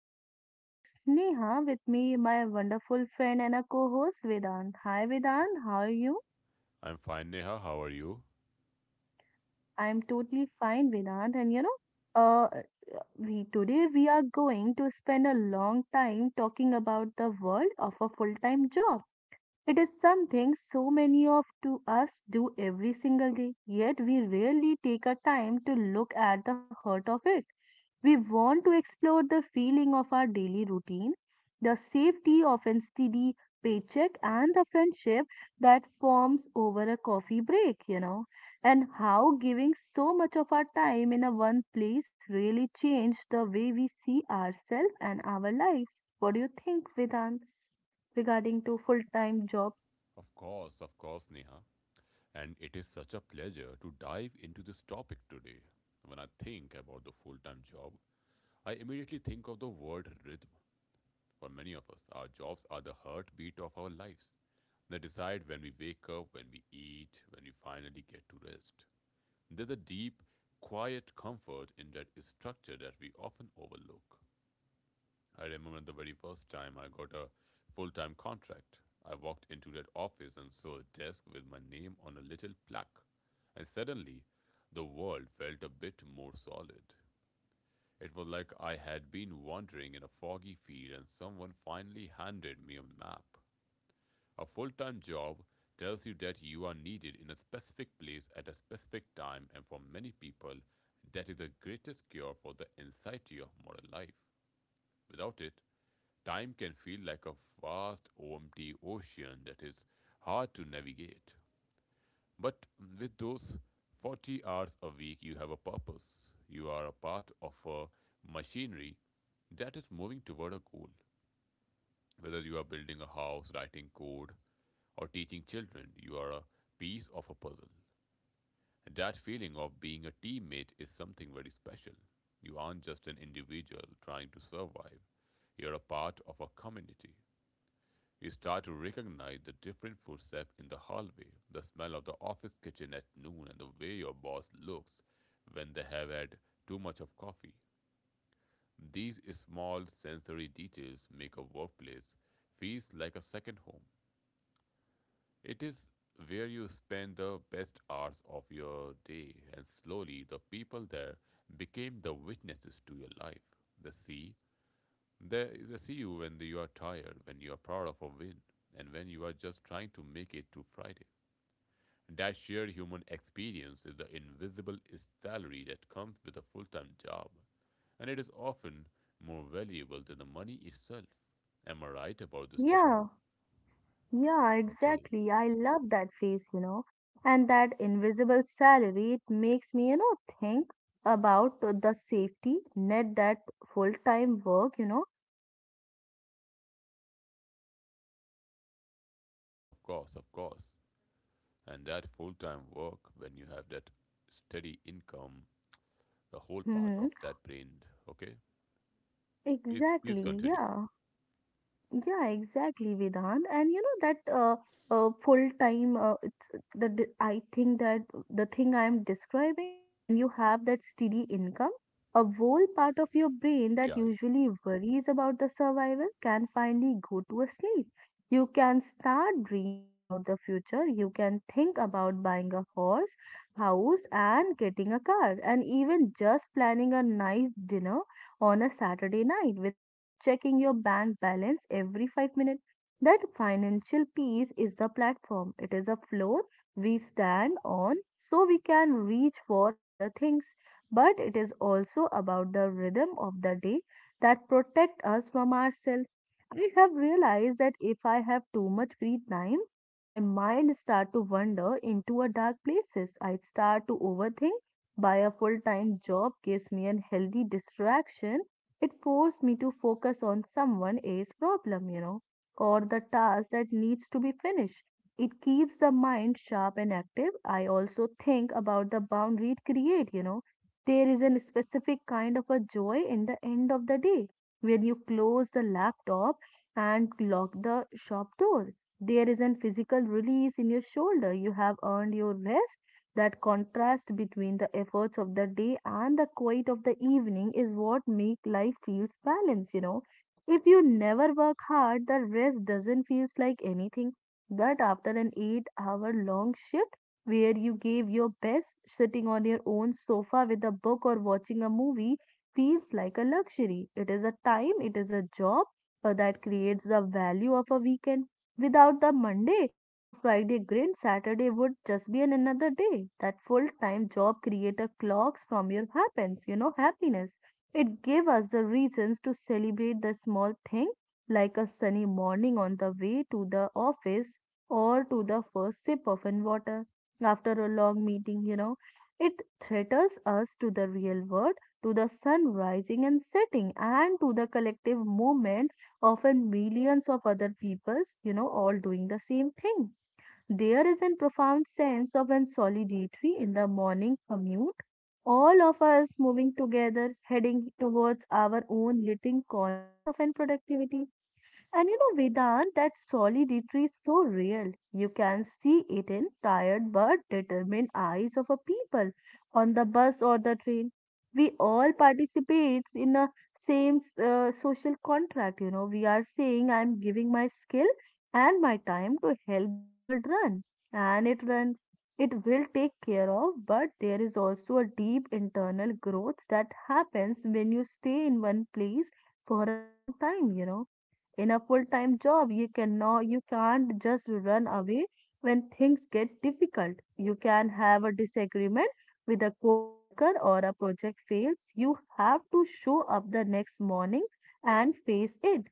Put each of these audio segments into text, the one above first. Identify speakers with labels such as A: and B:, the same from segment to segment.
A: This is your host Neha with me, my wonderful friend and a co-host Vedant. Hi Vedant, how are you?
B: I'm fine, Neha. How are you?
A: I'm totally fine Vedant and you know, uh, we today we are going to spend a long time talking about the world of a full-time job. It is something so many of to us do every single day, yet we rarely take a time to look at the heart of it. We want to explore the feeling of our daily routine, the safety of a steady paycheck, and the friendship that forms over a coffee break, you know, and how giving so much of our time in a one place really changed the way we see ourselves and our lives. What do you think, Vedant, regarding to full-time jobs?
B: Of course, Neha. And it is such a pleasure to dive into this topic today. When I think about the full time job, I immediately think of the word rhythm. For many of us, our jobs are the heartbeat of our lives. They decide when we wake up, when we eat, when we finally get to rest. There's a deep, quiet comfort in that structure that we often overlook. I remember the very first time I got a full time contract. I walked into that office and saw a desk with my name on a little plaque, and suddenly the world felt a bit more solid. It was like I had been wandering in a foggy field and someone finally handed me a map. A full time job tells you that you are needed in a specific place at a specific time, and for many people, that is the greatest cure for the anxiety of modern life. Without it, time can feel like a vast, empty ocean that is hard to navigate. But with those 40 hours a week, you have a purpose. You are a part of a machinery that is moving toward a goal. Whether you are building a house, writing code, or teaching children, you are a piece of a puzzle. That feeling of being a teammate is something very special. You aren't just an individual trying to survive, you're a part of a community. You start to recognize the different footsteps in the hallway, the smell of the office kitchen at noon, and the way your boss looks when they have had too much of coffee. These small sensory details make a workplace feel like a second home. It is where you spend the best hours of your day, and slowly the people there became the witnesses to your life. They see there is a see you when you are tired, when you are proud of a win, and when you are just trying to make it to Friday. That shared human experience is the invisible salary that comes with a full time job, and it is often more valuable than the money itself. Am I right about this? Yeah.
A: Yeah. Yeah,
B: Okay.
A: exactly. I love that face, you know, and that invisible salary. It makes me, you know, think about the safety net that full-time work, you know.
B: Yes, of course, of course. And that full time work, when you have that steady income, the whole part
A: Hmm.
B: of that brain. Okay. Please, please
A: Exactly.
B: continue.
A: Yeah. Yeah, exactly, Vedant. And you know that full time, it's the I think that the thing I am describing, when you have that steady income, a whole part of your brain that
B: Yeah,
A: usually worries about the survival can finally go to a sleep. You can start dream about the future. You can think about buying a horse, house, and getting a car, and even just planning a nice dinner on a Saturday night without checking your bank balance every 5 minutes. That financial peace is the platform, it is a floor we stand on so we can reach for other things. But it is also about the rhythm of the day that protect us from ourselves. I have realized that if I have too much free time, my mind start to wander into a dark places. I start to overthink by a full time job gives me a healthy distraction. It forced me to focus on someone else's problem, you know, or the task that needs to be finished. It keeps the mind sharp and active. I also think about the boundary it create, you know. There is a specific kind of a joy in the end of the day when you close the laptop and lock the shop door. There is a physical release in your shoulder. You have earned your rest that contrast between the efforts of the day and the quiet of the evening is what make life feels balanced, you know. If you never work hard, the rest doesn't feel like anything. But after an 8 hour long shift where you gave your best, sitting on your own sofa with a book or watching a movie feels like a luxury. It is a time, it is a job that creates the value of a weekend. Without the Monday, to Friday grind, Saturday would just be an another day. That full-time job creator clocks from your happens, you know, happiness. It gave us the reasons to celebrate the small thing, like a sunny morning on the way to the office or to the first sip of an water after a long meeting, you know. It threatens us to the real world, to the sun rising and setting, and to the collective movement of millions of other peoples you know all doing the same thing there is a profound sense of an solidarity in the morning commute, all of us moving together, heading towards our own little corners of an productivity. And you know, Vedant, that solidity is so real. You can see it in tired but determined eyes of a people on the bus or the train. We all participate in a same social contract. You know, we are saying I'm giving my skill and my time to help the world run, and it runs. It will take care of, but there is also a deep internal growth that happens when you stay in one place for a long time. You know in a full-time job you cannot you can't just run away when things get difficult you can have a disagreement with a co-worker or a project fails you have to show up the next morning and face it.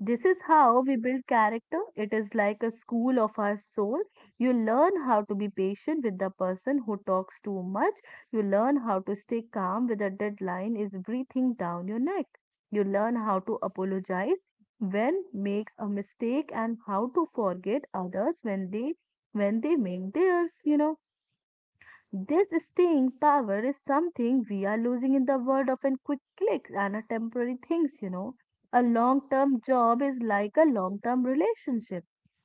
A: This is how we build character. It is like a school of our soul. You learn how to be patient with the person who talks too much. You learn how to stay calm when a deadline is breathing down your neck. You learn how to apologize when makes a mistake and how to forget others when they make theirs, you know. This staying power is something we are losing in the world of a quick clicks and a temporary things, you know. A long term job is like a long term relationship.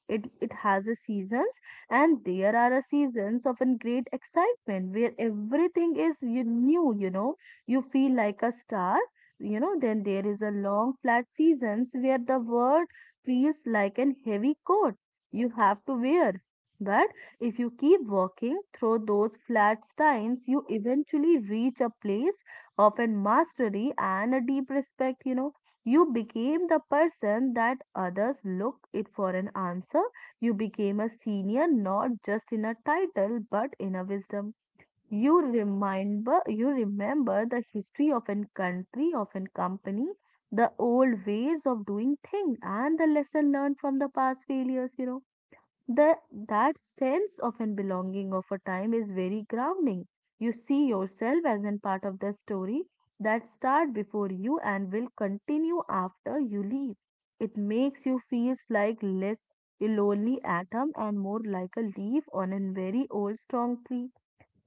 A: It has a seasons and there are a seasons of a great excitement where everything is you new, you know. You feel like a star, you know. Then there is a long flat seasons where the world feels like an heavy coat you have to wear. But if you keep walking through those flat times, you eventually reach a place of an mastery and a deep respect. You know, you became the person that others look it for an answer. You became a senior, not just in a title, but in a wisdom. You remember the history of an country, of an company, the old ways of doing things, and the lesson learned from the past failures. You know the, that sense of and belonging of a time is very grounding. You see yourself as an part of the story that start before you and will continue after you leave. It makes you feel like less a lonely atom and more like a leaf on a very old strong tree.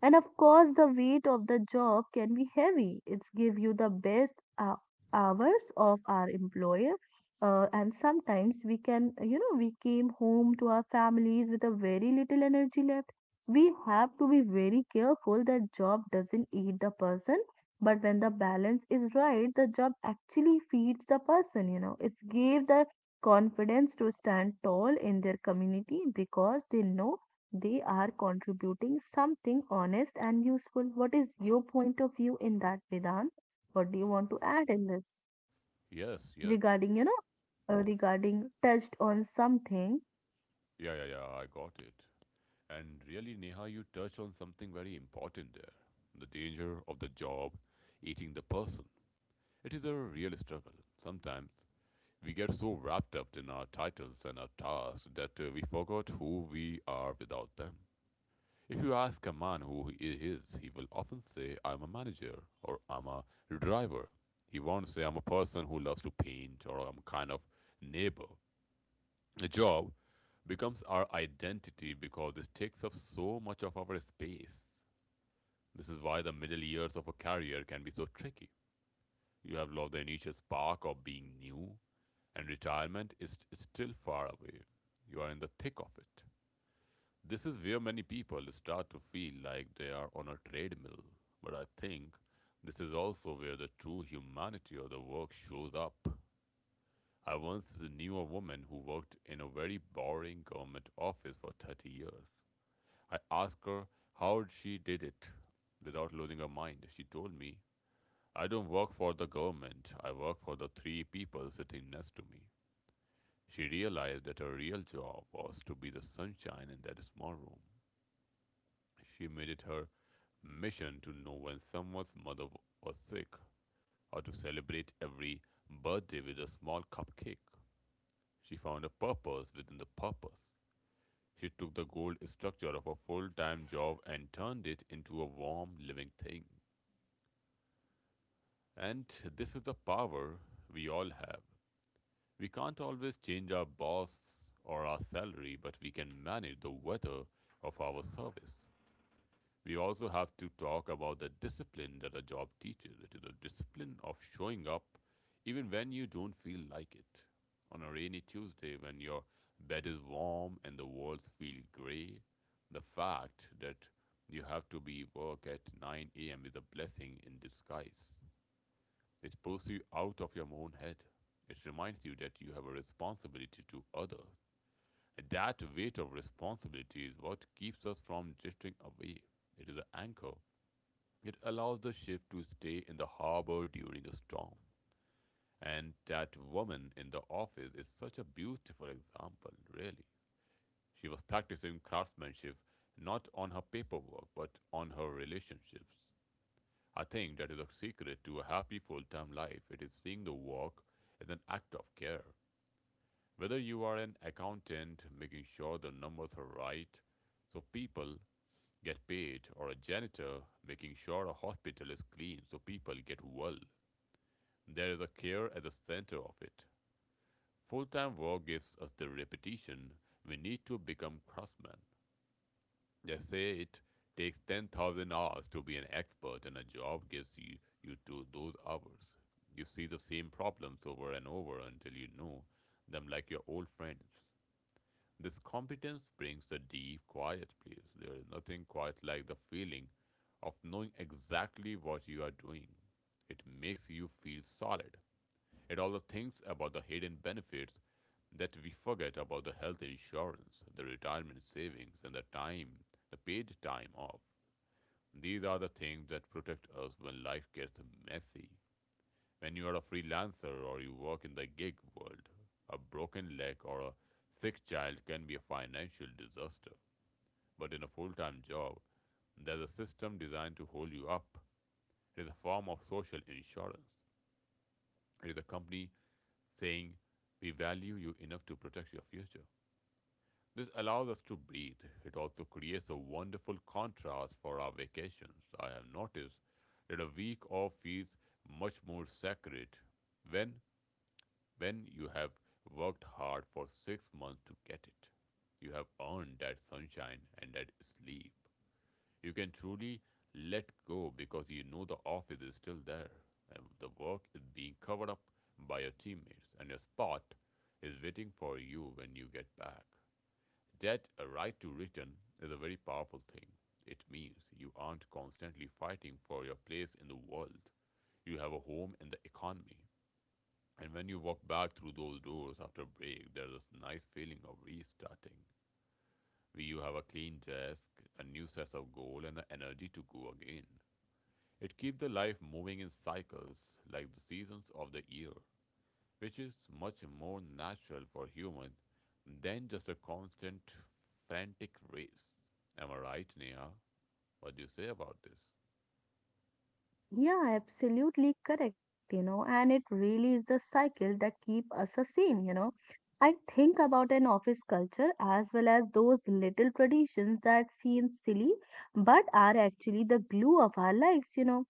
A: And of course the weight of the job can be heavy. It's give you the best hou- hours of our employer, and sometimes we can you know we came home to our families with a very little energy left. We have to be very careful that job doesn't eat the person, but when the balance is right the job actually feeds the person, you know. It's gave the confidence to stand tall in their community because they know they are contributing something honest and useful. What is your point of view in that, Vedant? What do you want to add in this
B: yeah. Yes, yes.
A: regarding, you know, regarding touched on something?
B: Yeah, yeah, yeah, I got it. And really, Neha, you touched on something very important there, the danger of the job eating the person. It is a real struggle. Sometimes we get so wrapped up in our titles and our tasks that we forgot who we are without them. If you ask a man who he is, he will often say, "I'm a manager" or "I'm a driver." He won't say, "I'm a person who loves to paint" or "I'm kind of neighbor." A job becomes our identity because it takes up so much of our space. This is why the middle years of a career can be so tricky. You have lost the initial spark of being new, and retirement is still far away. You are in the thick of it. This is where many people start to feel like they are on a treadmill. But I think this is also where the true humanity of the work shows up. I once knew a woman who worked in a very boring government office for 30 years. I asked her how she did it without losing her mind. She told me, "I don't work for the government, I work for the three people sitting next to me." She realized that her real job was to be the sunshine in that small room. She made it her mission to know when someone's mother was sick, or to celebrate every birthday with a small cupcake. She found a purpose within the purpose. She took the gold structure of a full time job and turned it into a warm, living thing. And this is the power we all have. We can't always change our boss or our salary, but we can manage the weather of our service. We also have to talk about the discipline that a job teaches. It is a discipline of showing up even when you don't feel like it. On a rainy Tuesday, when your bed is warm and the walls feel gray, the fact that you have to be work at 9 a.m. is a blessing in disguise. It pulls you out of your own head. It reminds you that you have a responsibility to others. That weight of responsibility is what keeps us from drifting away. It is an anchor. It allows the ship to stay in the harbor during a storm. And that woman in the office is such a beautiful example, really. She was practicing craftsmanship not on her paperwork but on her relationships. I think that is a secret to a happy full time life. It is seeing the work as an act of care. Whether you are an accountant making sure the numbers are right so people get paid, or a janitor making sure a hospital is clean so people get well, there is a care at the center of it. Full time work gives us the repetition we need to become craftsmen. They say it takes 10,000 hours to be an expert, and a job gives you, you to those hours. You see the same problems over and over until you know them like your old friends. This competence brings a deep, quiet place. There is nothing quite like the feeling of knowing exactly what you are doing. It makes you feel solid, and all the things about the hidden benefits that we forget about, the health insurance, the retirement savings, and the time, the paid time off. These are the things that protect us when life gets messy. When you are a freelancer or you work in the gig world, a broken leg or a sick child can be a financial disaster. But in a full time job, there's a system designed to hold you up. It is a form of social insurance. It is a company saying, "We value you enough to protect your future." This allows us to breathe. It also creates a wonderful contrast for our vacations. I have noticed that a week off feels much more sacred when you have worked hard for 6 months to get it. You have earned that sunshine and that sleep. You can truly let go because you know the office is still there, and the work is being covered up by your teammates, and your spot is waiting for you when you get back. That a right to return is a very powerful thing. It means you aren't constantly fighting for your place in the world. You have a home in the economy. And when you walk back through those doors after break, there's this nice feeling of restarting. You have a clean desk, a new sense of goal, and the energy to go again. It keeps the life moving in cycles like the seasons of the year, which is much more natural for human than just a constant frantic race. Am I right, Neha? What do you say about this?
A: Yeah, absolutely correct, you know, and it really is the cycle that keep us a sane, you know. I think about an office culture as well as those little traditions that seem silly but are actually the glue of our lives, you know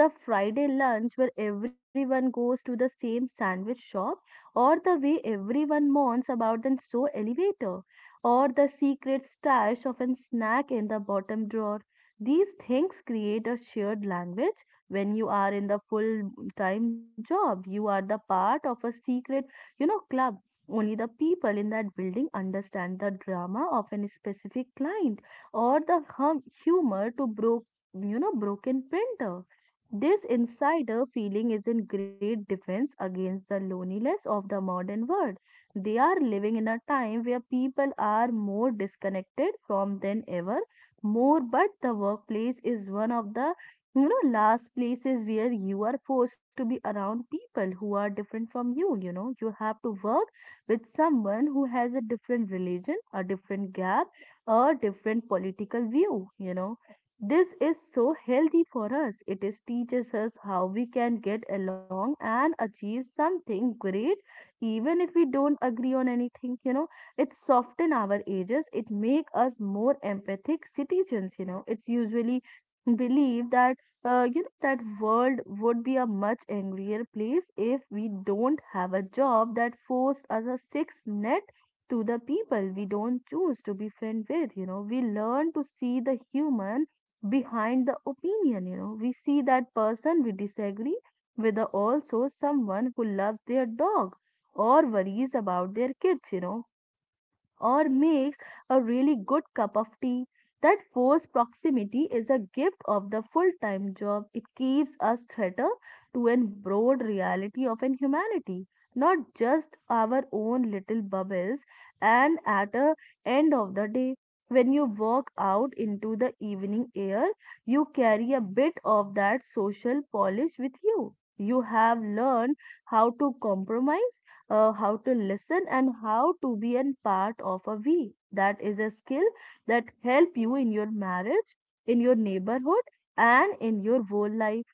A: the Friday lunch where everyone goes to the same sandwich shop, or the way everyone mourns about the slow elevator, or the secret stash of a snack in the bottom drawer. These things create a shared language. When you are in the full time job, you are the part of a secret, you know, club. Only the people in that building understand the drama of a specific client or the humor to broke, you know, broken printer. This insider feeling is in great defense against the loneliness of the modern world. They are living in a time where people are more disconnected from than ever more, but the workplace is one of the you know last places where you are forced to be around people who are different from you. You know you have to work with someone who has a different religion, a different gap, a different political view, you know. This is so healthy for us. It is teaches us how we can get along and achieve something great, even if we don't agree on anything. You know, it soften our edges. It make us more empathic citizens. You know, it's usually believe that you know that world would be a much angrier place if we don't have a job that forced us a six net to the people we don't choose to be friend with. You know we learn to see the human behind the opinion, you know. We see that person we disagree with, also someone who loves their dog or worries about their kids, you know, or makes a really good cup of tea. That forced proximity is a gift of the full time job. It keeps us threater to a broad reality of an humanity, not just our own little bubbles. And at the end of the day, when you walk out into the evening air, you carry a bit of that social polish with you. You have learned how to compromise, how to listen and how to be an part of a we. That is a skill that help you in your marriage, in your neighborhood, and in your whole life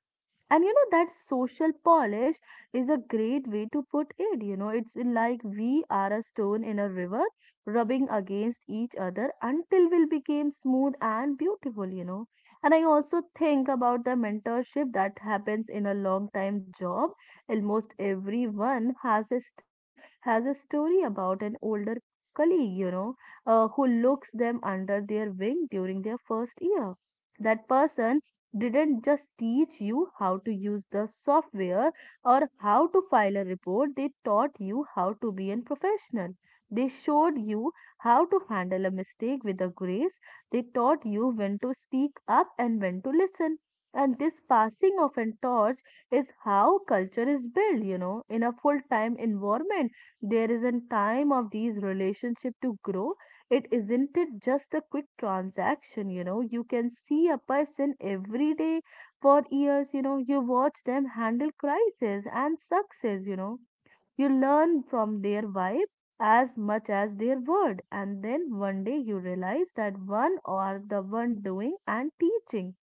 A: and you know that social polish is a great way to put it. It's like we are a stone in a river rubbing against each other until we became smooth and beautiful. And I also think about the mentorship that happens in a long time job. Almost everyone has a story about an older colleague, who looks them under their wing during their first year. That person didn't just teach you how to use the software or how to file a report, they taught you how to be a professional. They showed you how to handle a mistake with a grace. They taught you when to speak up and when to listen. And this passing of a torch is how culture is built. In a full time environment, there is a time of these relationship to grow. It isn't it just a quick transaction, you know. You can see a person every day for years, you know. You watch them handle crisis and success, you know. You learn from their vibe as much as their word. And then one day you realize that one or the one doing and teaching,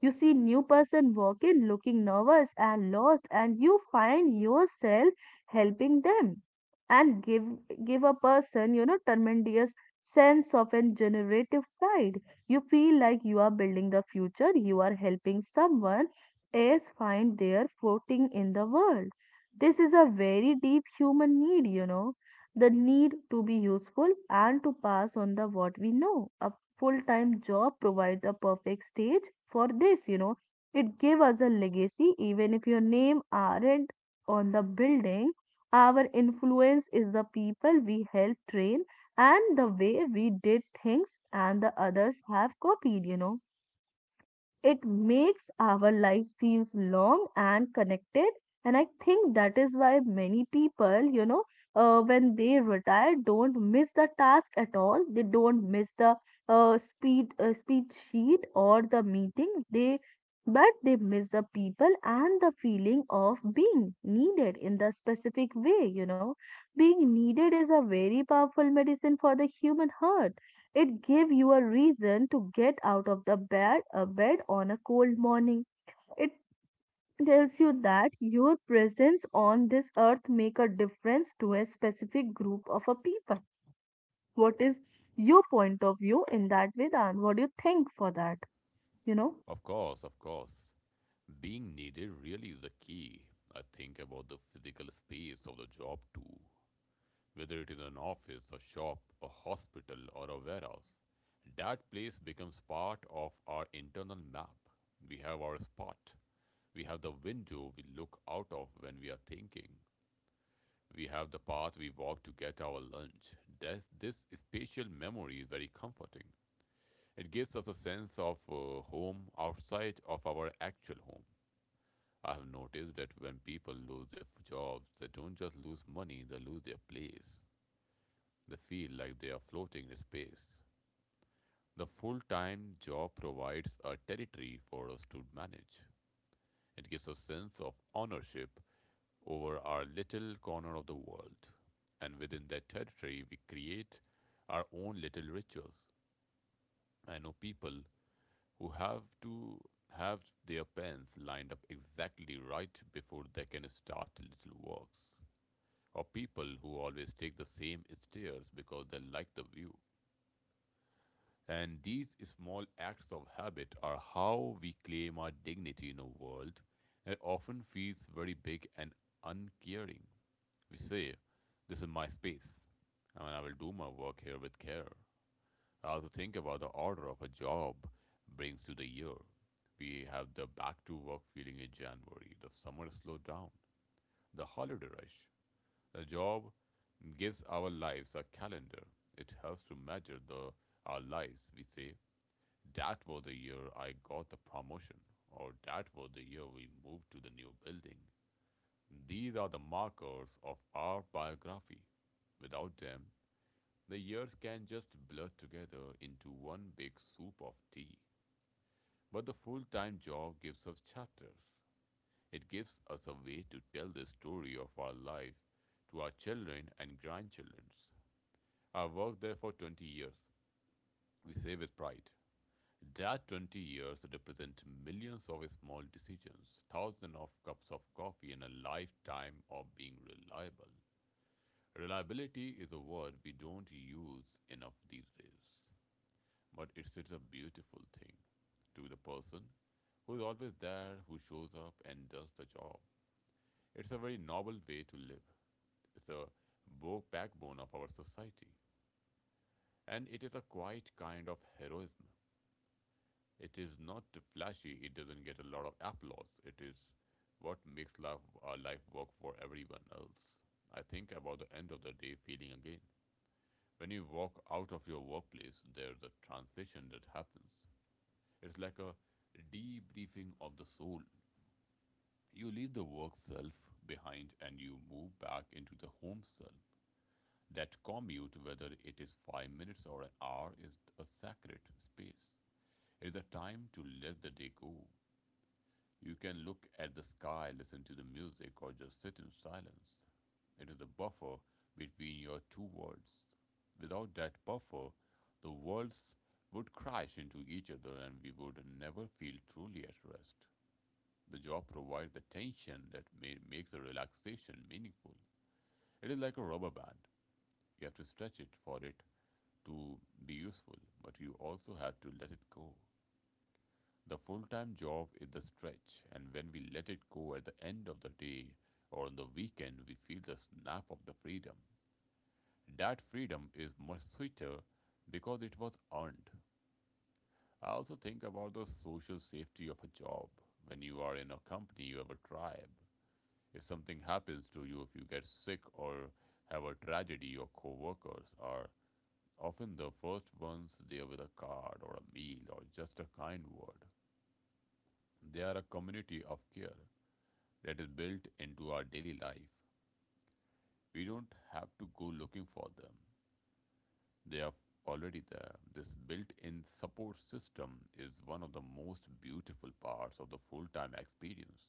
A: you see new person walk in looking nervous and lost and you find yourself helping them and give a person tremendous sense of and generative pride. You feel like you are building the future, you are helping someone else find their footing in the world. This is a very deep human need, the need to be useful and to pass on the what we know. A full-time job provide a perfect stage for this. It give us a legacy even if your name aren't on the building. Our influence is the people we help train and the way we did things and the others have copied. It makes our lives feels long and connected. And I think that is why many people, when they retire, don't miss the task at all. They don't miss the speed sheet or the meeting. They But they miss the people and the feeling of being needed in the specific way. Being needed is a very powerful medicine for the human heart. It gave you a reason to get out of the bed on a cold morning. It tells you that your presence on this earth make a difference to a specific group of a people. What is your point of view in that, Vedan? What do you think for that? You know?
B: Of course, of course. Being needed really is the key. I think about the physical space of the job too, whether it is an office, a shop, a hospital, or a warehouse. That place becomes part of our internal map. We have our spot. We have the window we look out of when we are thinking. We have the path we walk to get our lunch. This spatial memory is very comforting. It gives us a sense of home outside of our actual home. I have noticed that when people lose their jobs, they don't just lose money, they lose their place. They feel like they are floating in space. The full time job provides a territory for us to manage. It gives a sense of ownership over our little corner of the world. And within that territory, we create our own little rituals. I know people who have their pens lined up exactly right before they can start little works, or people who always take the same stairs because they like the view. And these small acts of habit are how we claim our dignity in a world that often feels very big and uncaring. We say, "This is my space, and I will do my work here with care." I also think about the order of a job brings to the year. We have the back to work feeling in January, the summer slowdown, the holiday rush. The job gives our lives a calendar. It helps to measure the our lives. We say that was the year I got the promotion, or that was the year we moved to the new building. These are the markers of our biography. Without them, the years can just blur together into one big soup of tea. But the full time job gives us chapters. It gives us a way to tell the story of our life to our children and grandchildren. I worked there for 20 years, we say with pride. That 20 years represent millions of small decisions, thousands of cups of coffee, and a lifetime of being reliable. Reliability is a word we don't use enough these days, but it's a beautiful thing to the person who is always there, who shows up and does the job. It's a very noble way to live. It's a backbone of our society, and it is a quiet kind of heroism. It is not flashy. It doesn't get a lot of applause. It is what makes life work for everyone else. I think about the end of the day feeling again. When you walk out of your workplace, there's a transition that happens. It's like a debriefing of the soul. You leave the work self behind and you move back into the home self. That commute, whether it is 5 minutes or an hour, is a sacred space. It is a time to let the day go. You can look at the sky, listen to the music, or just sit in silence. It is a buffer between your two worlds. Without that buffer, the worlds would crash into each other and we would never feel truly at rest. The job provides the tension that makes the relaxation meaningful. It is like a rubber band. You have to stretch it for it to be useful, but you also have to let it go. The full time job is the stretch, and when we let it go at the end of the day or on the weekend, we feel the snap of the freedom. That freedom is much sweeter because it was earned. I also think about the social safety of a job. When you are in a company, you have a tribe. If something happens to you, if you get sick or have a tragedy, your coworkers are often the first ones there with a card or a meal or just a kind word. They are a community of care. That is built into our daily life. We don't have to go looking for them. They are already there. This built in support system is one of the most beautiful parts of the full time experience.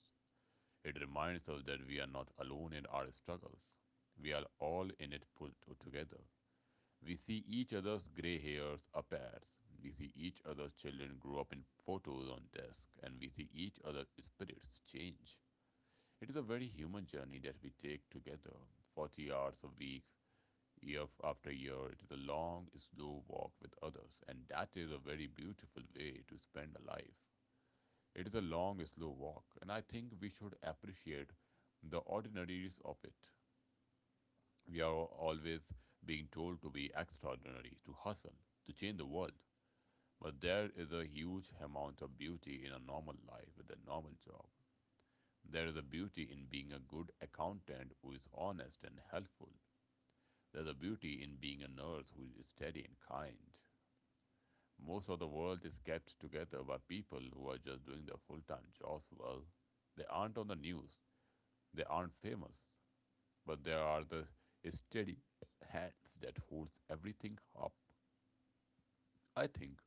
B: It reminds us that we are not alone in our struggles. We are all in it put together. We see each other's gray hairs appear. We see each other's children grow up in photos on desk, and we see each other's spirits change. It is a very human journey that we take together, 40 hours a week, year after year. It is a long, slow walk with others, and that is a very beautiful way to spend a life. It is a long, slow walk, and I think we should appreciate the ordinaries of it. We are always being told to be extraordinary, to hustle, to change the world. But there is a huge amount of beauty in a normal life with a normal job. There is a beauty in being a good accountant who is honest and helpful. There's a beauty in being a nurse who is steady and kind. Most of the world is kept together by people who are just doing their full time jobs well. They aren't on the news, they aren't famous, but they are the steady hands that holds everything up. I think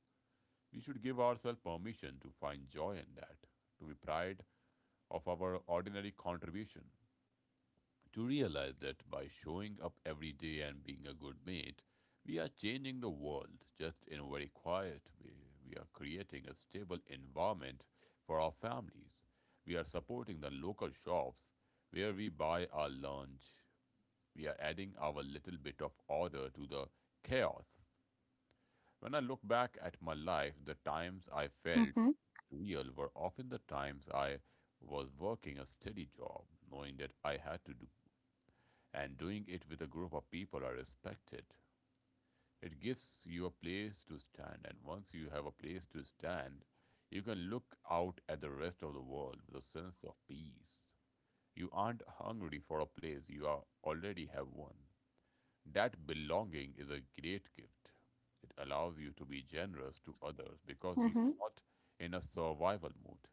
B: we should give ourselves permission to find joy in that, to be proud of our ordinary contribution. To realize that by showing up every day and being a good mate, we are changing the world just in a very quiet way. We are creating a stable environment for our families. We are supporting the local shops where we buy our lunch. We are adding our little bit of order to the chaos. When I look back at my life, the times I felt
A: Mm-hmm,
B: real were often the times I was working a steady job, knowing that I had to do and doing it with a group of people I respected. It gives you a place to stand, and once you have a place to stand, you can look out at the rest of the world with a sense of peace. You aren't hungry for a place, already have one. That belonging is a great gift. It allows you to be generous to others because you're
A: mm-hmm.
B: not in a survival mode,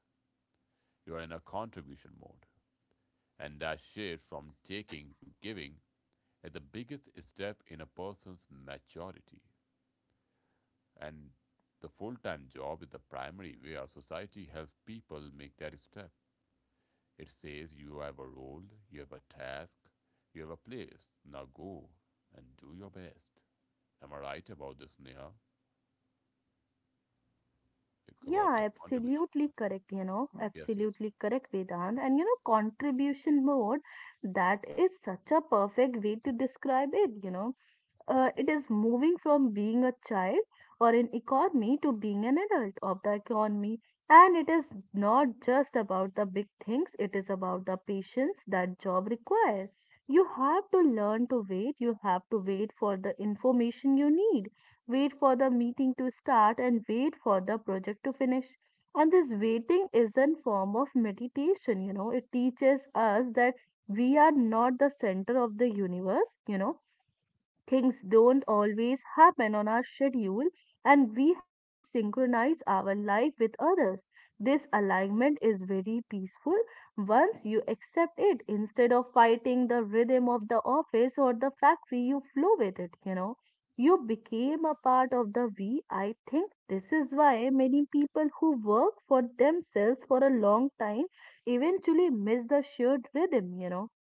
B: you are in a contribution mode. And that shift from taking to giving at the biggest step in a person's maturity. And the full time job is the primary way our society helps people make that step. It says you have a role, you have a task, you have a place. Now go and do your best. Am I right about this, Neha? About
A: Yeah,
B: the contribution
A: absolutely
B: model?
A: correct,
B: Yes, yes.
A: absolutely correct, Vedant. And contribution mode, that is such a perfect way to describe it. It is moving from being a child or an economy to being an adult of the economy. And it is not just about the big things, it is about the patience that job require. You have to learn to wait, you have to wait for the information you need, wait for the meeting to start, and wait for the project to finish. And this waiting is a form of meditation. It teaches us that we are not the center of the universe. Things don't always happen on our schedule, and we have to synchronize our life with others. This alignment is very peaceful once you accept it instead of fighting the rhythm of the office or the factory, you flow with it, you know. You became a part of the we. I think this is why many people who work for themselves for a long time eventually miss the shared rhythm.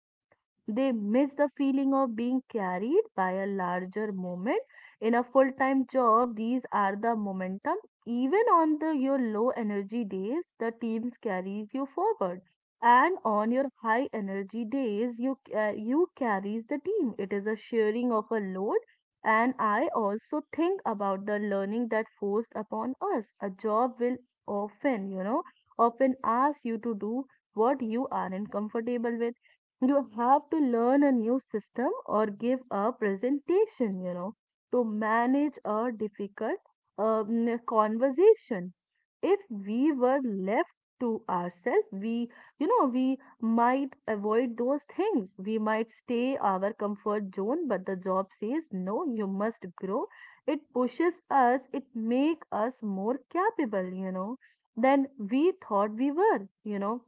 A: They miss the feeling of being carried by a larger moment. In a full time job, these are the momentum. Even on your low energy days, the teams carries you forward. And on your high energy days, you carries the team. It is a sharing of a load. And I also think about the learning that forced upon us. A job will often, you know, often ask you to do what you aren't comfortable with. You have to learn a new system or give a presentation, to manage a difficult conversation. If we were left to ourselves, we might avoid those things. We might stay our comfort zone, but the job says, no, you must grow. It pushes us, it makes us more capable, than we thought we were.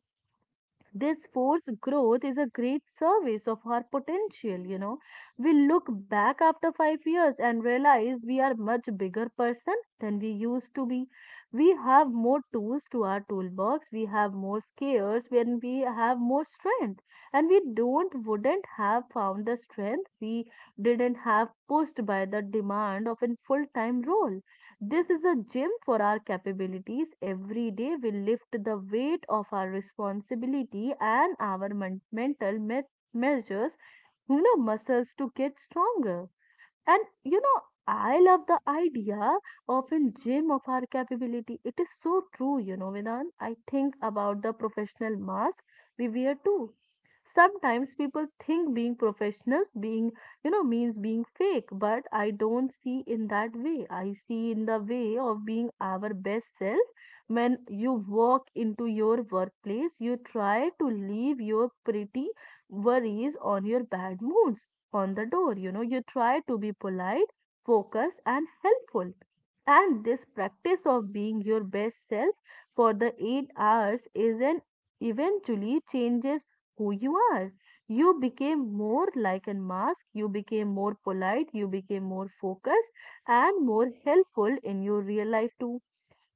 A: This forced growth is a great service of our potential. We look back after 5 years and realize we are much bigger person than we used to be. We have more tools to our toolbox, we have more scares, when we have more strength. And we don't wouldn't have found the strength we didn't have pushed by the demand of a full-time role. This is a gym for our capabilities. Every day we lift the weight of our responsibility and our mental measures, muscles to get stronger. And I love the idea of a gym of our capability. It is so true, Vedan. I think about the professional mask we wear too. Sometimes people think being professionals being means being fake, but I don't see in that way. I see in the way of being our best self. When you walk into your workplace you try to leave your pretty worries on your bad moods on the door. You try to be polite, focused and helpful, and this practice of being your best self for the 8 hours is an eventually changes who you are. You became more like a mask, you became more polite, you became more focused and more helpful in your real life too.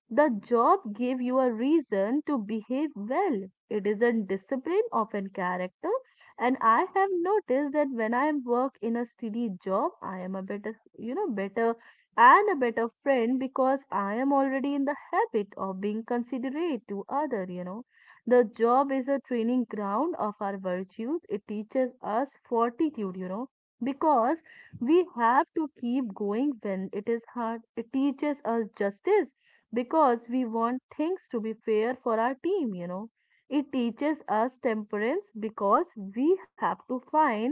A: The job gave you a reason to behave well. It isn't discipline, often character. And I have noticed that when I work in a steady job, I am a better, better and a better friend because I am already in the habit of being considerate to other, The job is a training ground of our virtues. It teaches us fortitude, because we have to keep going when it is hard. It teaches us justice because we want things to be fair for our team, It teaches us temperance because we have to find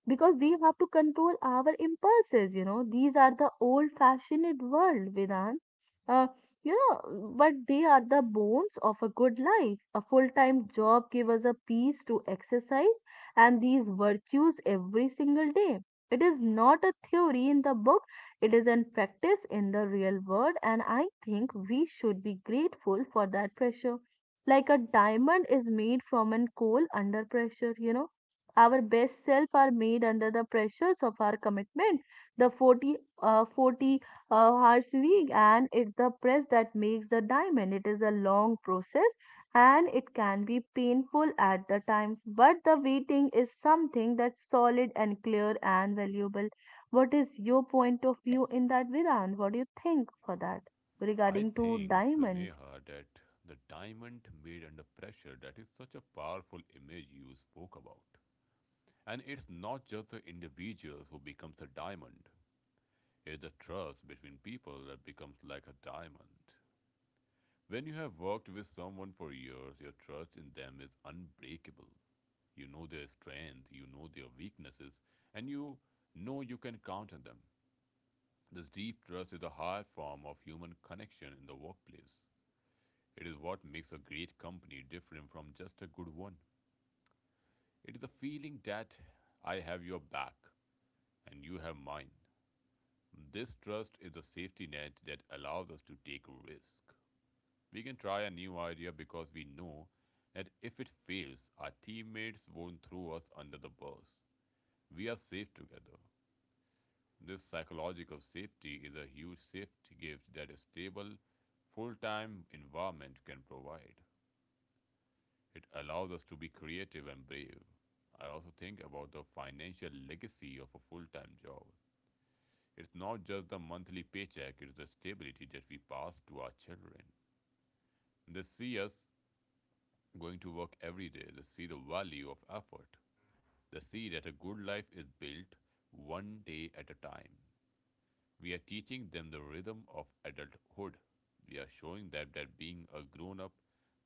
A: because we have to control our impulses. These are the old fashioned world, Vedant, uh, but they are the bones of a good life. A full time job gives us a peace to exercise and these virtues every single day. It is not a theory in the book, it is in practice in the real world. And I think we should be grateful for that pressure. Like a diamond is made from an coal under pressure, our best self are made under the pressures of our commitment, the 40, 40 hours week, and it's the press that makes the diamond. It is a long process and it can be painful at the times, but the waiting is something that's solid and clear and valuable. What is your point of view in that, Vedant? What do you think for that
B: I
A: regarding to
B: think,
A: diamond?
B: Neha, that the diamond made under pressure, that is such a powerful image you spoke about. And it's not just the individuals who becomes a diamond. It's the trust between people that becomes like a diamond. When you have worked with someone for years, your trust in them is unbreakable. You know their strength, you know their weaknesses, and you know you can count on them. This deep trust is a high form of human connection in the workplace. It is what makes a great company different from just a good one. It is the feeling that I have your back and you have mine. This trust is the safety net that allows us to take risk. We can try a new idea because we know that if it fails, our teammates won't throw us under the bus. We are safe together. This psychological safety is a huge safety gift that a stable, full time environment can provide. It allows us to be creative and brave. I also think about the financial legacy of a full time job. It's not just the monthly paycheck, it's the stability that we pass to our children. They see us going to work every day, they see the value of effort. They see that a good life is built one day at a time. We are teaching them the rhythm of adulthood. We are showing them that being a grown up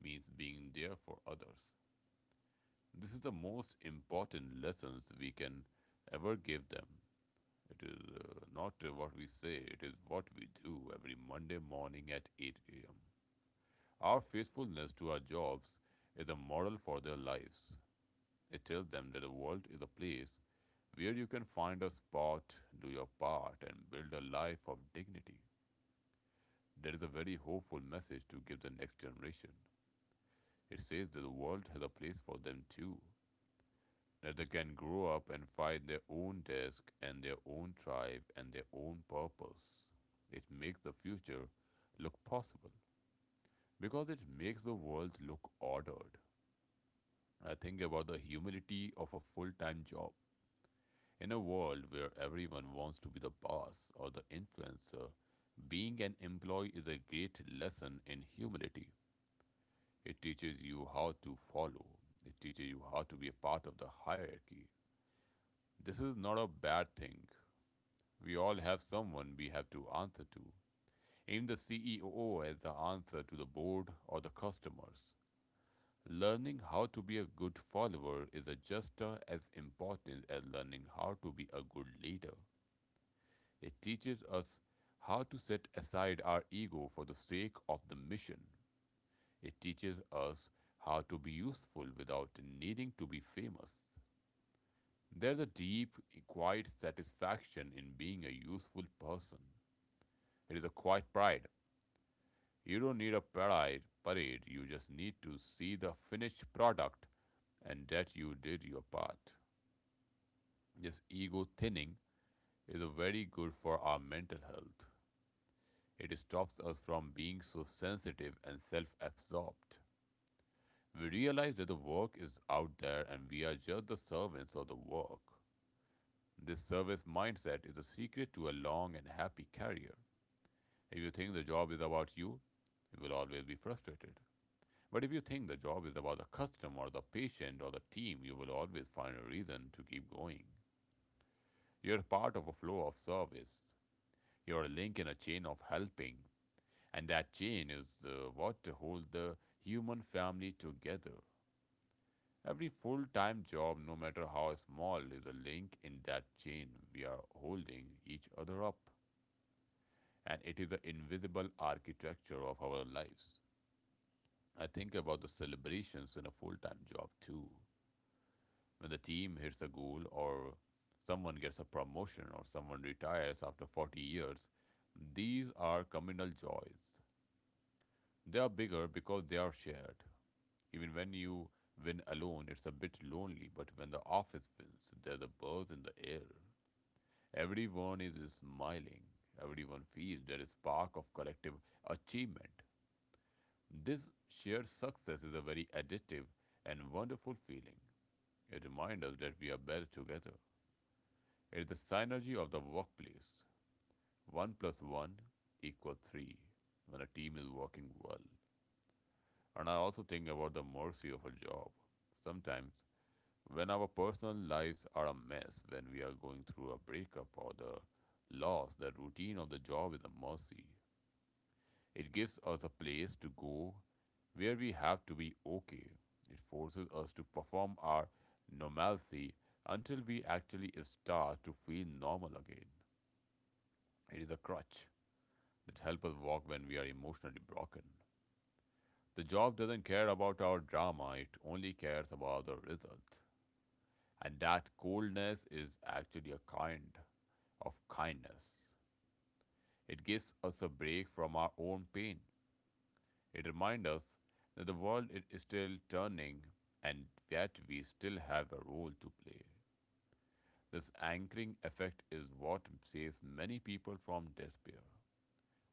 B: means being there for others. This is the most important lessons we can ever give them. It is not what we say, it is what we do every Monday morning at 8 a.m. Our faithfulness to our jobs is a model for their lives. It tells them that the world is a place where you can find a spot, do your part, and build a life of dignity. That is a very hopeful message to give the next generation. It says that the world has a place for them too, that they can grow up and find their own desk and their own tribe and their own purpose. It makes the future look possible because it makes the world look ordered. I think about the humility of a full time job. In a world where everyone wants to be the boss or the influencer, being an employee is a great lesson in humility. It teaches you how to follow, it teaches you how to be a part of the hierarchy. This is not a bad thing. We all have someone we have to answer to. Aim the CEO as the answer to the board or the customers. Learning how to be a good follower is just as important as learning how to be a good leader. It teaches us how to set aside our ego for the sake of the mission. It teaches us how to be useful without needing to be famous. There's a deep, quiet satisfaction in being a useful person. It is a quiet pride. You don't need a parade. You just need to see the finished product and that you did your part. This ego thinning is very good for our mental health. It stops us from being so sensitive and self absorbed. We realize that the work is out there and we are just the servants of the work. This service mindset is the secret to a long and happy career. If you think the job is about you, you will always be frustrated. But if you think the job is about the customer, the patient, or the team, you will always find a reason to keep going. You're part of a flow of service. You're a link in a chain of helping, and that chain is what holds the human family together. Every full time job, no matter how small, is a link in that chain. We are holding each other up, and it is the invisible architecture of our lives. I think about the celebrations in a full time job too, when the team hits a goal or someone gets a promotion or someone retires after 40 years. These are communal joys. They are bigger because they are shared. Even when you win alone, it's a bit lonely, but when the office wins, there's a buzz in the air. Everyone is smiling. Everyone feels there is spark of collective achievement. This shared success is a very addictive and wonderful feeling. It reminds us that we are better together. It is the synergy of the workplace. 1 plus 1 equals 3 when a team is working well. And I also think about the mercy of a job. Sometimes, when our personal lives are a mess, when we are going through a breakup or the loss, the routine of the job is a mercy. It gives us a place to go where we have to be okay. It forces us to perform our normalcy until we actually start to feel normal again. It is a crutch that help us walk when we are emotionally broken. The job doesn't care about our drama, it only cares about the result. And that coldness is actually a kind of kindness. It gives us a break from our own pain. It reminds us that the world is still turning and yet we still have a role to play. This anchoring effect is what saves many people from despair.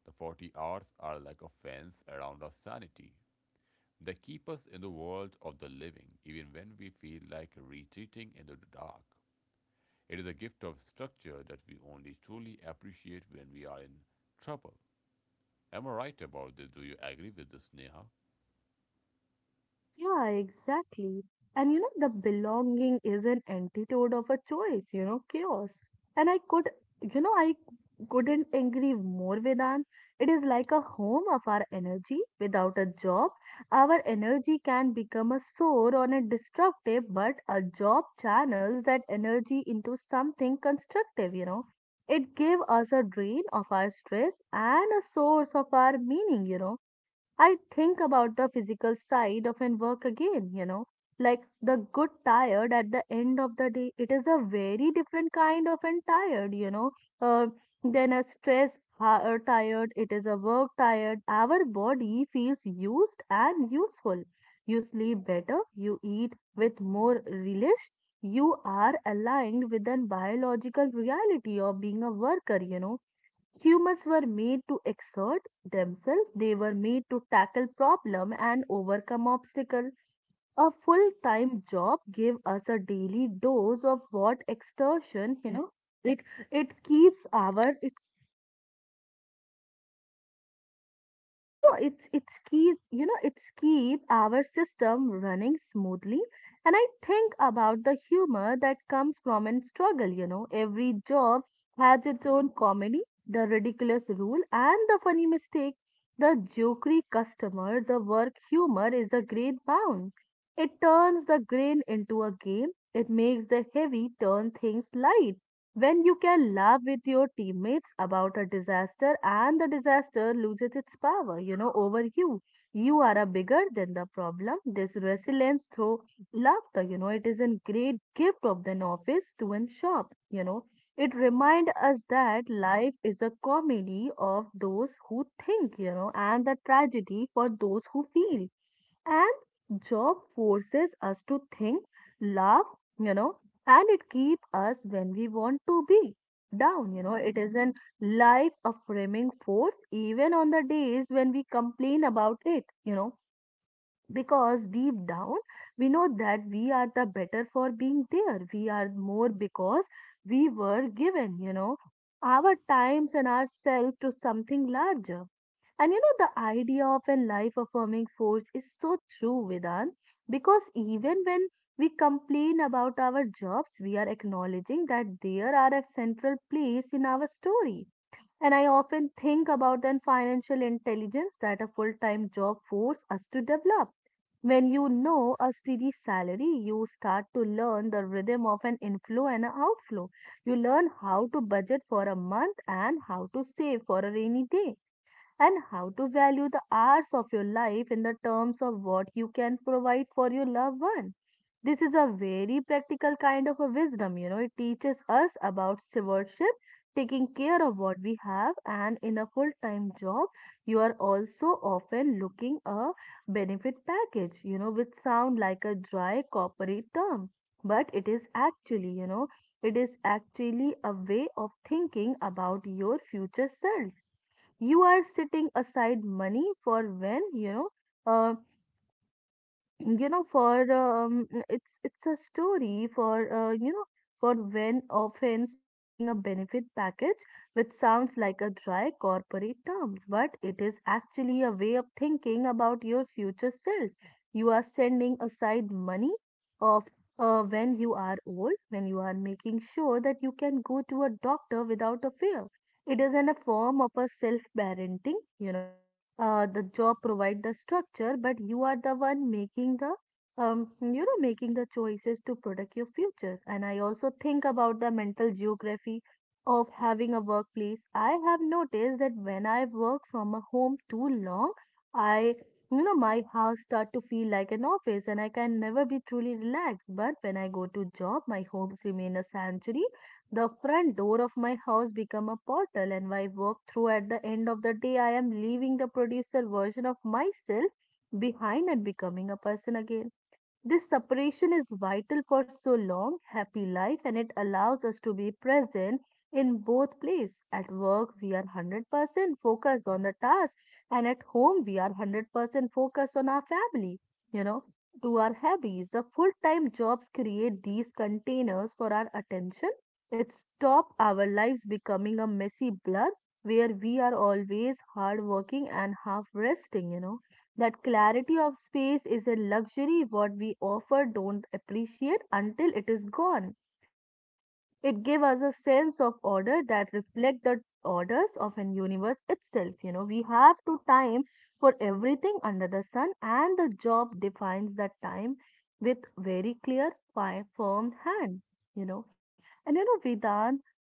B: The 40 hours are like a fence around our sanity. They keep us in the world of the living, even when we feel like retreating into the dark. It is a gift of structure that we only truly appreciate when we are in trouble. Am I right about this? Do you agree with this, Neha?
A: Yeah, exactly. And the belonging is an antidote of a choice, chaos. And I couldn't agree more, Vedant. It is like a home of our energy. Without a job, our energy can become a sore or a destructive, but a job channels that energy into something constructive, It gave us a drain of our stress and a source of our meaning. I think about the physical side of an work again, like the good tired at the end of the day. It is a very different kind of an tired, uh, than a stress tired. It is a work tired. Our body feels used and useful. You sleep better, you eat with more relish, you are aligned with the biological reality of being a worker, Humans were made to exert themselves, they were made to tackle problem and overcome obstacle. A full-time job gave us a daily dose of what exertion, it it keeps our you know it's keep you know it's keep our system running smoothly. And I think about the humor that comes from in struggle, you know, every job has its own comedy, the ridiculous rule and the funny mistake, the jokery customer. The work humor is a great bound. It turns the grain into a game, it makes the heavy turn things light. When you can laugh with your teammates about a disaster, and the disaster loses its power, over you, you are a bigger than the problem. This resilience through laughter, you know, it is a great gift of the novice to an shop, you know. It reminds us that life is a comedy of those who think, and the tragedy for those who feel, and job forces us to think, laugh, you know. And it keep us when we want to be down, you know. It is in life affirming force even on the days when we complain about it, you know, because deep down we know that we are the better for being there. We are more because we were given our times and ourselves to something larger. And you know, the idea of a life affirming force is so true, Vedan because even when we complain about our jobs, we are acknowledging that there are a central place in our story. And I often think about the financial intelligence that a full time job forces us to develop. When a steady salary, you start to learn the rhythm of an inflow and an outflow. You learn how to budget for a month and how to save for a rainy day, and how to value the hours of your life in the terms of what you can provide for your loved one. This is a very practical kind of a wisdom, you know, it teaches us about stewardship, taking care of what we have. And in a full time job, you are also often looking a benefit package, you know, which sound like a dry corporate term, but it is actually a way of thinking about your future self. You are setting aside money for when uh, you know for it's a story for you know for when offense looking a benefit package, which sounds like a dry corporate term, but it is actually a way of thinking about your future self. You are sending aside money of when you are old, when you are making sure that you can go to a doctor without a fear. It is in a form of a self parenting, you know. The job provide the structure, but you are the one making the choices to protect your future. And I also think about the mental geography of having a workplace. I have noticed that when I work from a home too long, I you know, my house start to feel like an office and I can never be truly relaxed. But when I go to job, my homes remain a sanctuary. The front door of my house become a portal, and I walk through at the end of the day. I am leaving the producer version of myself behind and becoming a person again. This separation is vital for so long, happy life, and it allows us to be present in both places. At work, we are 100% focused on the task, and at home, we are 100% focused on our family, you know, to our hobbies. The full time jobs create these containers for our attention. It stops our lives becoming a messy blur where we are always hard working and half resting, you know. That clarity of space is a luxury what we offer, don't appreciate until it is gone. It gives us a sense of order that reflects the orders of an universe itself. You know, we have to time for everything under the sun, and the job defines that time with very clear, firm hand. You know, and you know, Vedant,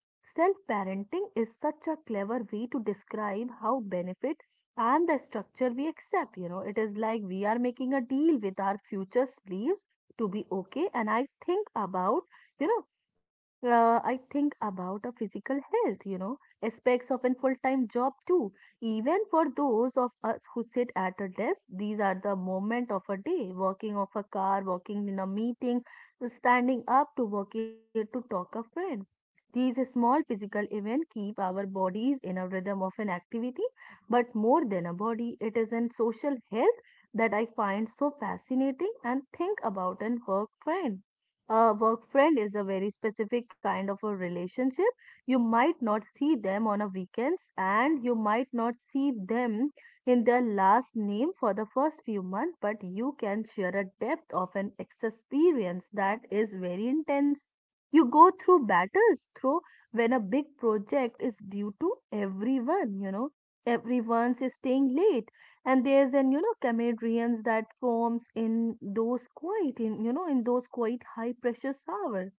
A: self parenting is such a clever way to describe how benefit and the structure we accept. You know, it is like we are making a deal with our future sleeves to be okay. And I think about you know I think about a physical health, you know, aspects of a full-time job too. Even for those of us who sit at a desk, these are the moment of a day, walking off a car, walking in a meeting, standing up to walk it to talk a friend. These small physical events keep our bodies in a rhythm of an activity, but more than a body, it is in social health that I find so fascinating and think about, and work friend a work friend is a very specific kind of a relationship. You might not see them on a weekends, and you might not see them in their last name for the first few months, but you can share a depth of an experience that is very intense. You go through battles through when a big project is due to everyone, you know. Everyone is staying late, and there's an camaraderie that forms in those quiet high pressure hours.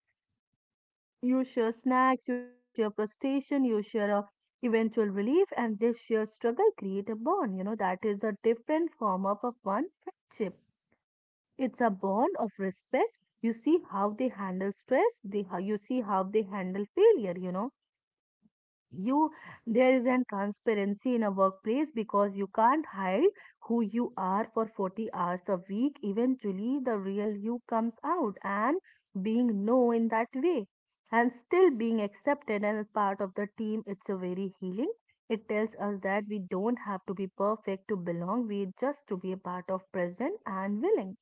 A: You share snacks, you share frustration, you share a eventual relief, and this shared struggle create a bond, you know, that is a different form of a fun friendship. It's a bond of respect. You see how they handle stress, they how you see how they handle failure, you know. You There is an transparency in a workplace because you can't hide who you are for 40 hours a week. Eventually the real you comes out, and being known in that way and still being accepted and a part of the team, it's a very healing. It tells us that we don't have to be perfect to belong, we just to be a part of present and willing.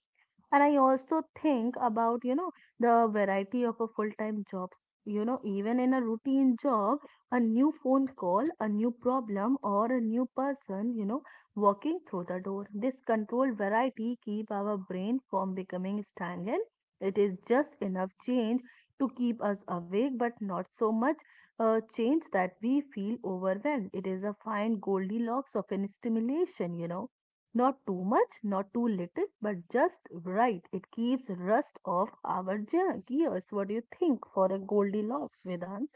A: And I also think about, you know the variety of a full-time jobs. You know, even in a routine job, a new phone call, a new problem, or a new person, you know, walking through the door, this controlled variety keep our brain from becoming stagnant. It is just enough change to keep us awake, but not so much change that we feel overwhelmed. It is a fine goldilocks of an stimulation, you know, not too much, not too little, but just right. It keeps rust off our gears. What do you think for a Goldilocks, Vedant?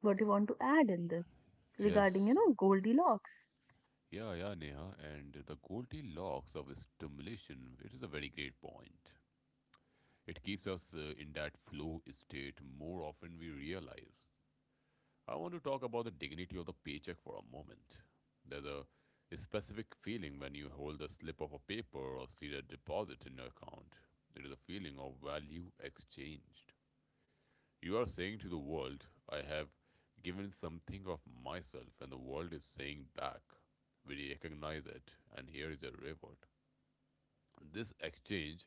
A: What do you want to add in this regarding, you
B: Yes.
A: know, Goldilocks?
B: Yeah, yeah, Neha. And the Goldilocks of stimulation, it is a very great point. It keeps us in that flow state more often we realize. I want to talk about the dignity of the paycheck for a moment. There's a specific feeling when you hold a slip of a paper or see a deposit in your account. It is a feeling of value exchanged. You are saying to the world, I have given something of myself, and the world is saying back, we recognize it, and here is a reward. This exchange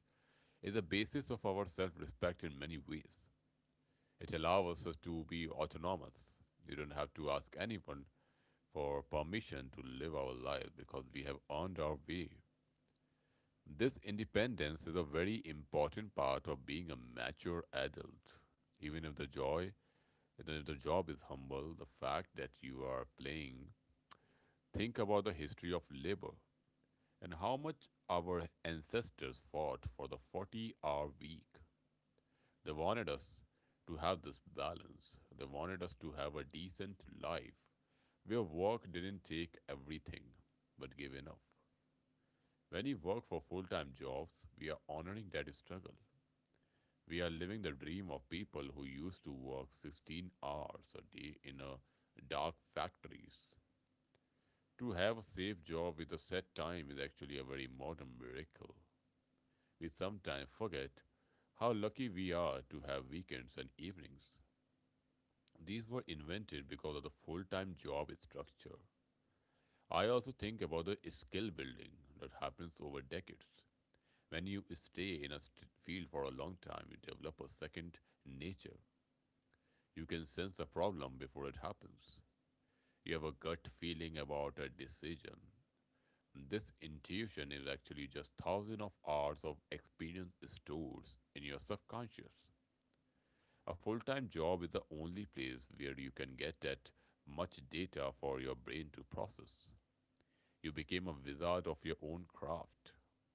B: is the basis of our self respect in many ways. It allows us to be autonomous. You don't have to ask anyone for permission to live our lives because we have earned our way. This independence is a very important part of being a mature adult. Even if the joy, even if the job is humble, the fact that you are playing, think about the history of labor and how much our ancestors fought for the 40-hour week. They wanted us to have this balance. They wanted us to have a decent life where work didn't take everything but give enough. When we work for full time jobs, we are honoring that struggle. We are living the dream of people who used to work 16 hours a day in a dark factories. To have a safe job with a set time is actually a very modern miracle. We sometimes forget how lucky we are to have weekends and evenings. These were invented because of the full time job structure. I also think about the skill building that happens over decades. When you stay in a field for a long time, you develop a second nature. You can sense the problem before it happens. You have a gut feeling about a decision. This intuition is actually just thousands of hours of experience stored in your subconscious. A full time job is the only place where you can get that much data for your brain to process. You became a wizard of your own craft.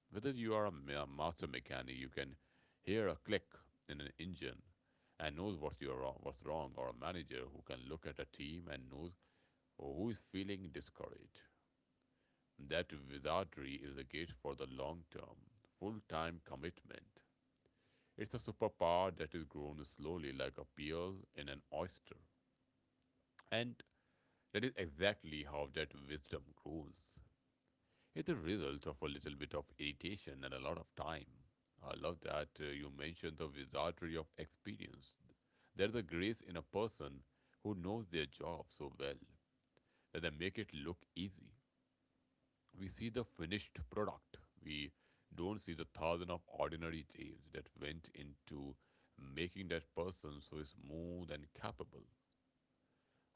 B: Whether you are a master mechanic, you can hear a click in an engine and knows what's, you wrong, what's wrong, or a manager who can look at a team and knows who is feeling discouraged. That wizardry is a gift for the long term, full time commitment. It's a superpower that is grown slowly like a peel in an oyster. And that is exactly how that wisdom grows. It's a result of a little bit of irritation and a lot of time. I love that you mentioned the wizardry of experience. There's a grace in a person who knows their job so well that they make it look easy. We see the finished product. We don't see the thousand of ordinary days that went into making that person so smooth and capable.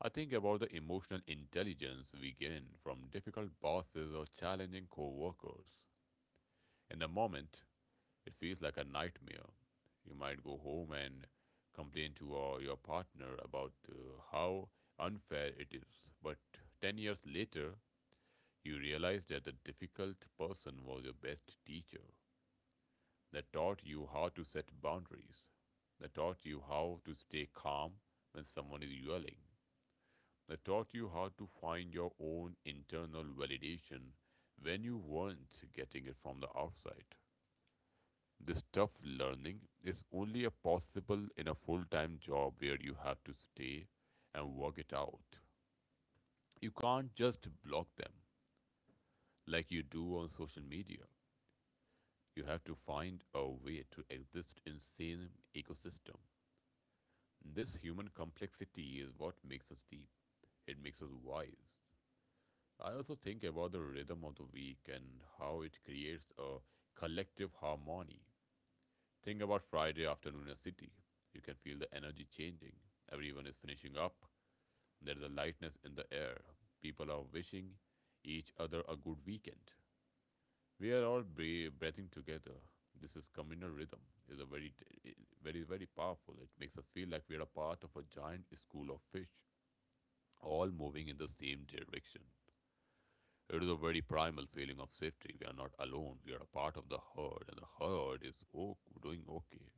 B: I think about the emotional intelligence we gain from difficult bosses or challenging co workers. In the moment, it feels like a nightmare. You might go home and complain to your partner about how unfair it is, but 10 years later, you realize that the difficult person was your best teacher, that taught you how to set boundaries, that taught you how to stay calm when someone is yelling, that taught you how to find your own internal validation when you weren't getting it from the outside. This tough learning is only possible in a full time job where you have to stay and work it out. You can't just block them like you do on social media. You have to find a way to exist in the same ecosystem. This human complexity is what makes us deep. It makes us wise. I also think about the rhythm of the week and how it creates a collective harmony. Think about Friday afternoon in a city. You can feel the energy changing. Everyone is finishing up. There is a lightness in the air. People are wishing each other a good weekend. We are all breathing together. This is communal rhythm. It's a very, very, very powerful. It makes us feel like we are a part of a giant school of fish, all moving in the same direction. It is a very primal feeling of safety. We are not alone. We are a part of the herd, and the herd is doing okay.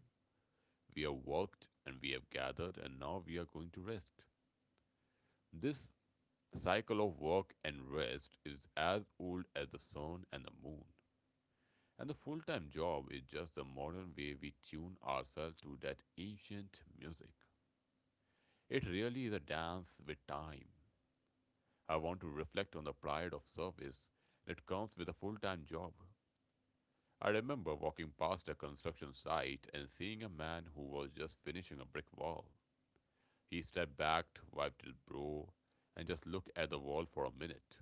B: We have worked and we have gathered, and now we are going to rest. This cycle of work and rest is as old as the sun and the moon. And the full time job is just the modern way we tune ourselves to that ancient music. It really is a dance with time. I want to reflect on the pride of service that comes with a full time job. I remember walking past a construction site and seeing a man who was just finishing a brick wall. He stepped back, wiped his brow, and just looked at the wall for a minute.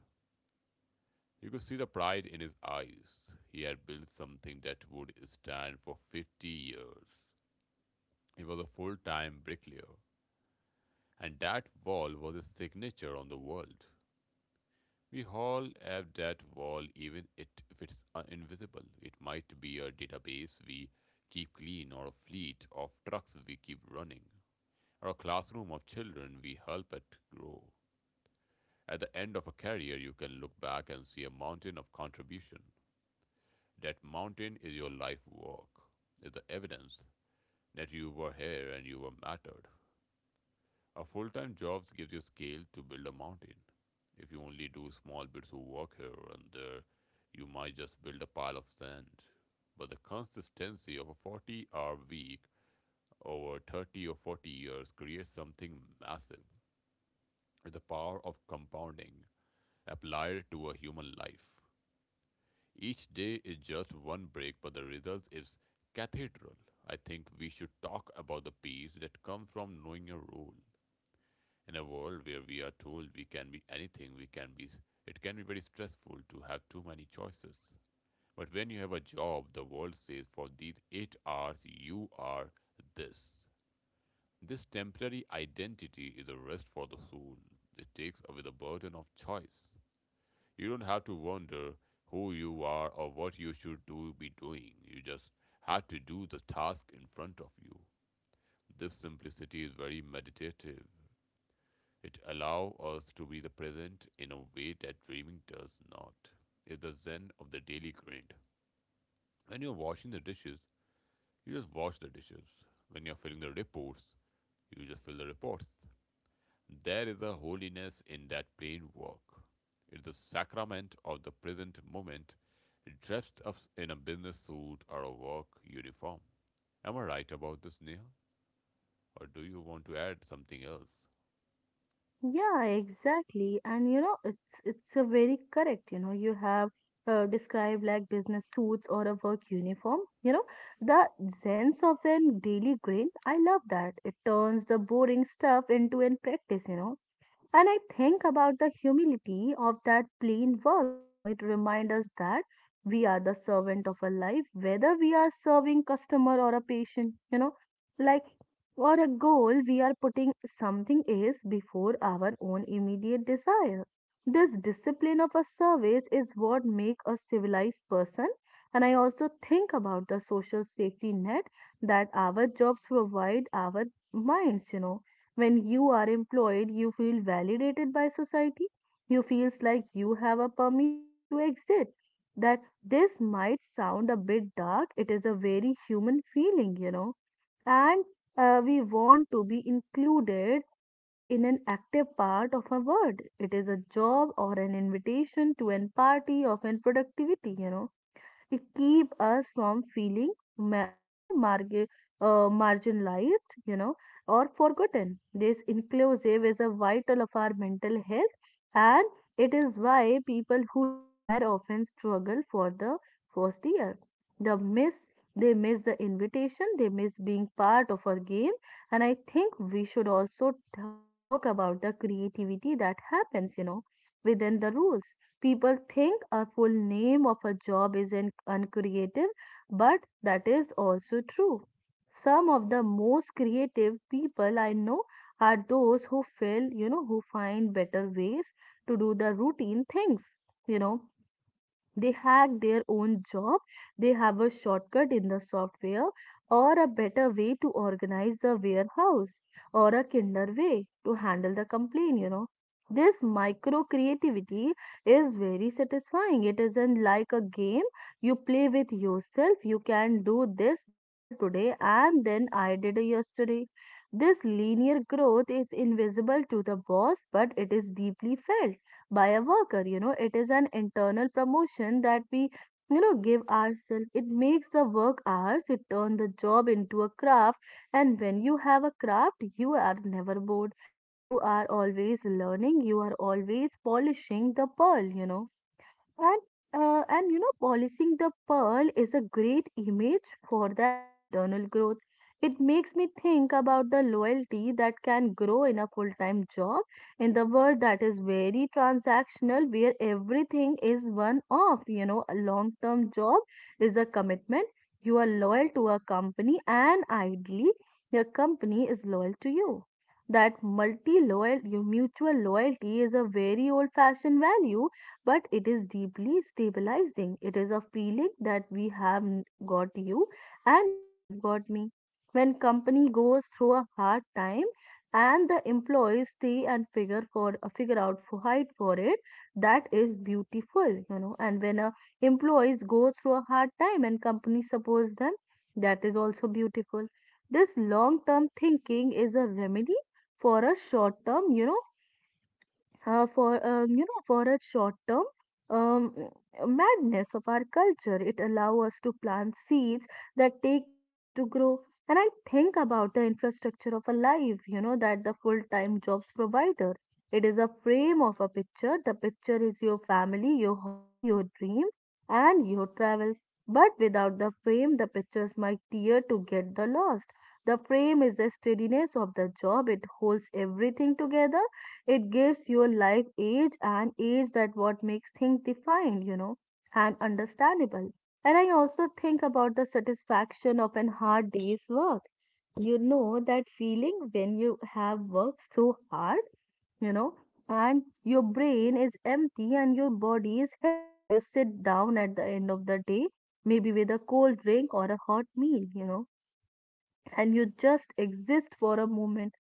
B: You could see the pride in his eyes. He had built something that would stand for 50 years. He was a full time bricklayer, and that wall was his signature on the world. We all have that wall, even if it's invisible. It might be a database we keep clean, or a fleet of trucks we keep running, or a classroom of children we help it grow. At the end of a career, you can look back and see a mountain of contribution. That mountain is your life work, is the evidence that you were here and you were mattered. A full time job gives you scale to build a mountain. If you only do small bits of work here and there, you might just build a pile of sand. But the consistency of a 40-hour week over 30 or 40 years creates something massive. The power of compounding applied to a human life. Each day is just one break, but the result is cathedral. I think we should talk about the peace that comes from knowing your role. In a world where we are told we can be anything, we can be, it can be very stressful to have too many choices. But when you have a job, the world says for these 8 hours you are this. This temporary identity is a rest for the soul. It takes away the burden of choice. You don't have to wonder who you are or what you should do be doing. You just have to do the task in front of you. This simplicity is very meditative. It allows us to be the present in a way that dreaming does not. It's the zen of the daily grind. When you're washing the dishes, you just wash the dishes. When you're filling the reports, you just fill the reports. There is a holiness in that plain work. It is the sacrament of the present moment, dressed up in a business suit or a work uniform. Am I right about this, Neha? Or do you want to add something else?
A: Yeah, exactly. And you know, it's a very correct, you know, you have described like business suits or a work uniform. You know, the sense of an daily grain, I love that. It turns the boring stuff into an practice, you know. And I think about the humility of that plain works. You know, it reminds us that we are the servant of a life, whether we are serving customer or a patient. You know, like, or a goal, we are putting something else before our own immediate desire. This discipline of a service is what make a civilized person. And I also think about the social safety net that our jobs provide our minds. You know, when you are employed, you feel validated by society. You feels like you have a permission to exist. That this might sound a bit dark. It is a very human feeling, you know. And we want to be included in an active part of a world. It is a job or an invitation to an party of an productivity, you know, to keep us from feeling, marginalized, you know, or forgotten. This inclusive is a vital of our mental health, and it is why people who retire often struggle for the first year. The miss they miss the invitation, they miss being part of our game. And I think we should also talk about the creativity that happens, you know, within the rules. People think a full name of a job is uncreative, but that is also true. Some of the most creative people I know are those who feel, you know, who find better ways to do the routine things, you know. They hack their own job, they have a shortcut in the software, or a better way to organize the warehouse, or a kinder way to handle the complaint, you know. This micro creativity is very satisfying. It isn't like a game you play with yourself. You can do this better today and then I did yesterday. This linear growth is invisible to the boss, but it is deeply felt by a worker, you know. It is an internal promotion that we, you know, give ourselves. It makes the work ours, it turns the job into a craft. And when you have a craft, you are never bored, you are always learning, you are always polishing the pearl, you know. And uh, and you know, polishing the pearl is a great image for that internal growth. It makes me think about the loyalty that can grow in a full-time job in the world that is very transactional, where everything is one-off. You know, a long-term job is a commitment. You are loyal to a company, and ideally, your company is loyal to you. That multi-loyal, your mutual loyalty is a very old-fashioned value but it is deeply stabilizing. It is a feeling that we have got you and you have got me. When company goes through a hard time and the employees stay and figure out for fight for it, that is beautiful, you know. And when a employees go through a hard time and company supports them, that is also beautiful. This long term thinking is a remedy for a short term, you know for you know for a short term um, madness of our culture. It allows us to plant seeds that take years to grow. And I think about the infrastructure of a life, you know, that the full time jobs provider, it is a frame of a picture. The picture is your family, your hobby, your dream and your travels, but without the frame the pictures might tear to get the lost. The frame is the steadiness of the job. It holds everything together. It gives your life age and age, that what makes things defined, you know, and understandable. And I also think about the satisfaction of an hard day's work. You know that feeling when you have worked so hard, you know, and your brain is empty and your body is heavy. You sit down at the end of the day, maybe with a cold drink or a hot meal, you know, and you just exist for a moment.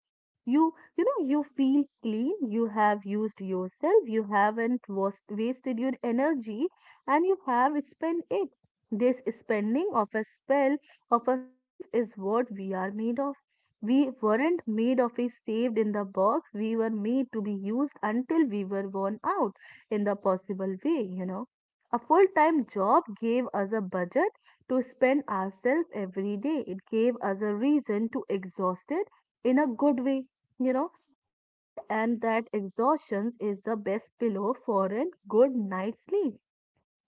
A: you you know, you feel clean, you have used yourself, you haven't wasted your energy and you have spent it. This spending of a spell of a self is what we are made of. We weren't made of a saved in the box. We were made to be used until we were worn out in the possible way, you know. A full-time job gave us a budget to spend ourselves every day. It gave us a reason to exhaust it in a good way, you know. And that exhaustion is the best pillow for a good night's sleep.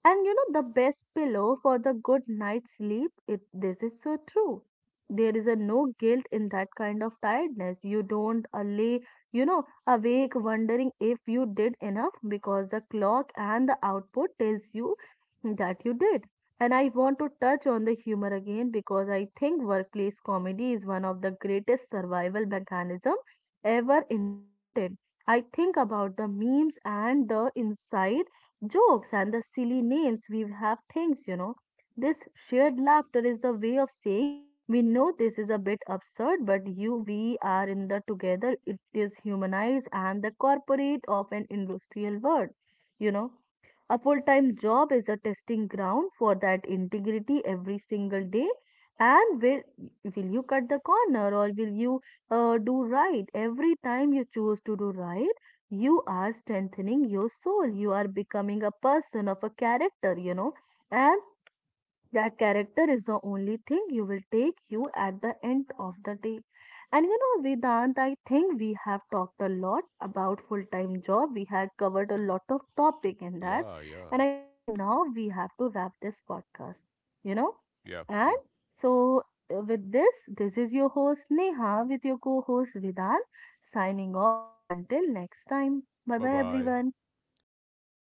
A: And you know, the best pillow for the good night's sleep, it, this is so true. There is a no guilt in that kind of tiredness. You don't lay, you know, awake wondering if you did enough, because the clock and the output tells you that you did. And I want to touch on the humor again, because I think workplace comedy is one of the greatest survival mechanism ever invented. I think about the memes and the insight jokes and the silly names we have things, you know. This shared laughter is a way of saying we know this is a bit absurd, but you we are in the together. It is humanized and the corporate of an industrial world, you know. A full time job is a testing ground for that integrity every single day. And will you cut the corner or will you do right? Every time you choose to do right, you are strengthening your soul. You are becoming a person of a character, you know. And that character is the only thing you will take you at the end of the day. And you know, Vedant, I think we have talked a lot about full-time job. We had covered a lot of topic in that.
B: Yeah, yeah.
A: And I think now we have to wrap this podcast, you know.
B: Yep,
A: And
B: yep.
A: so with this, this is your host Neha with your co-host Vedant, signing off until next time. Bye
B: Bye
A: bye
B: bye.
A: everyone.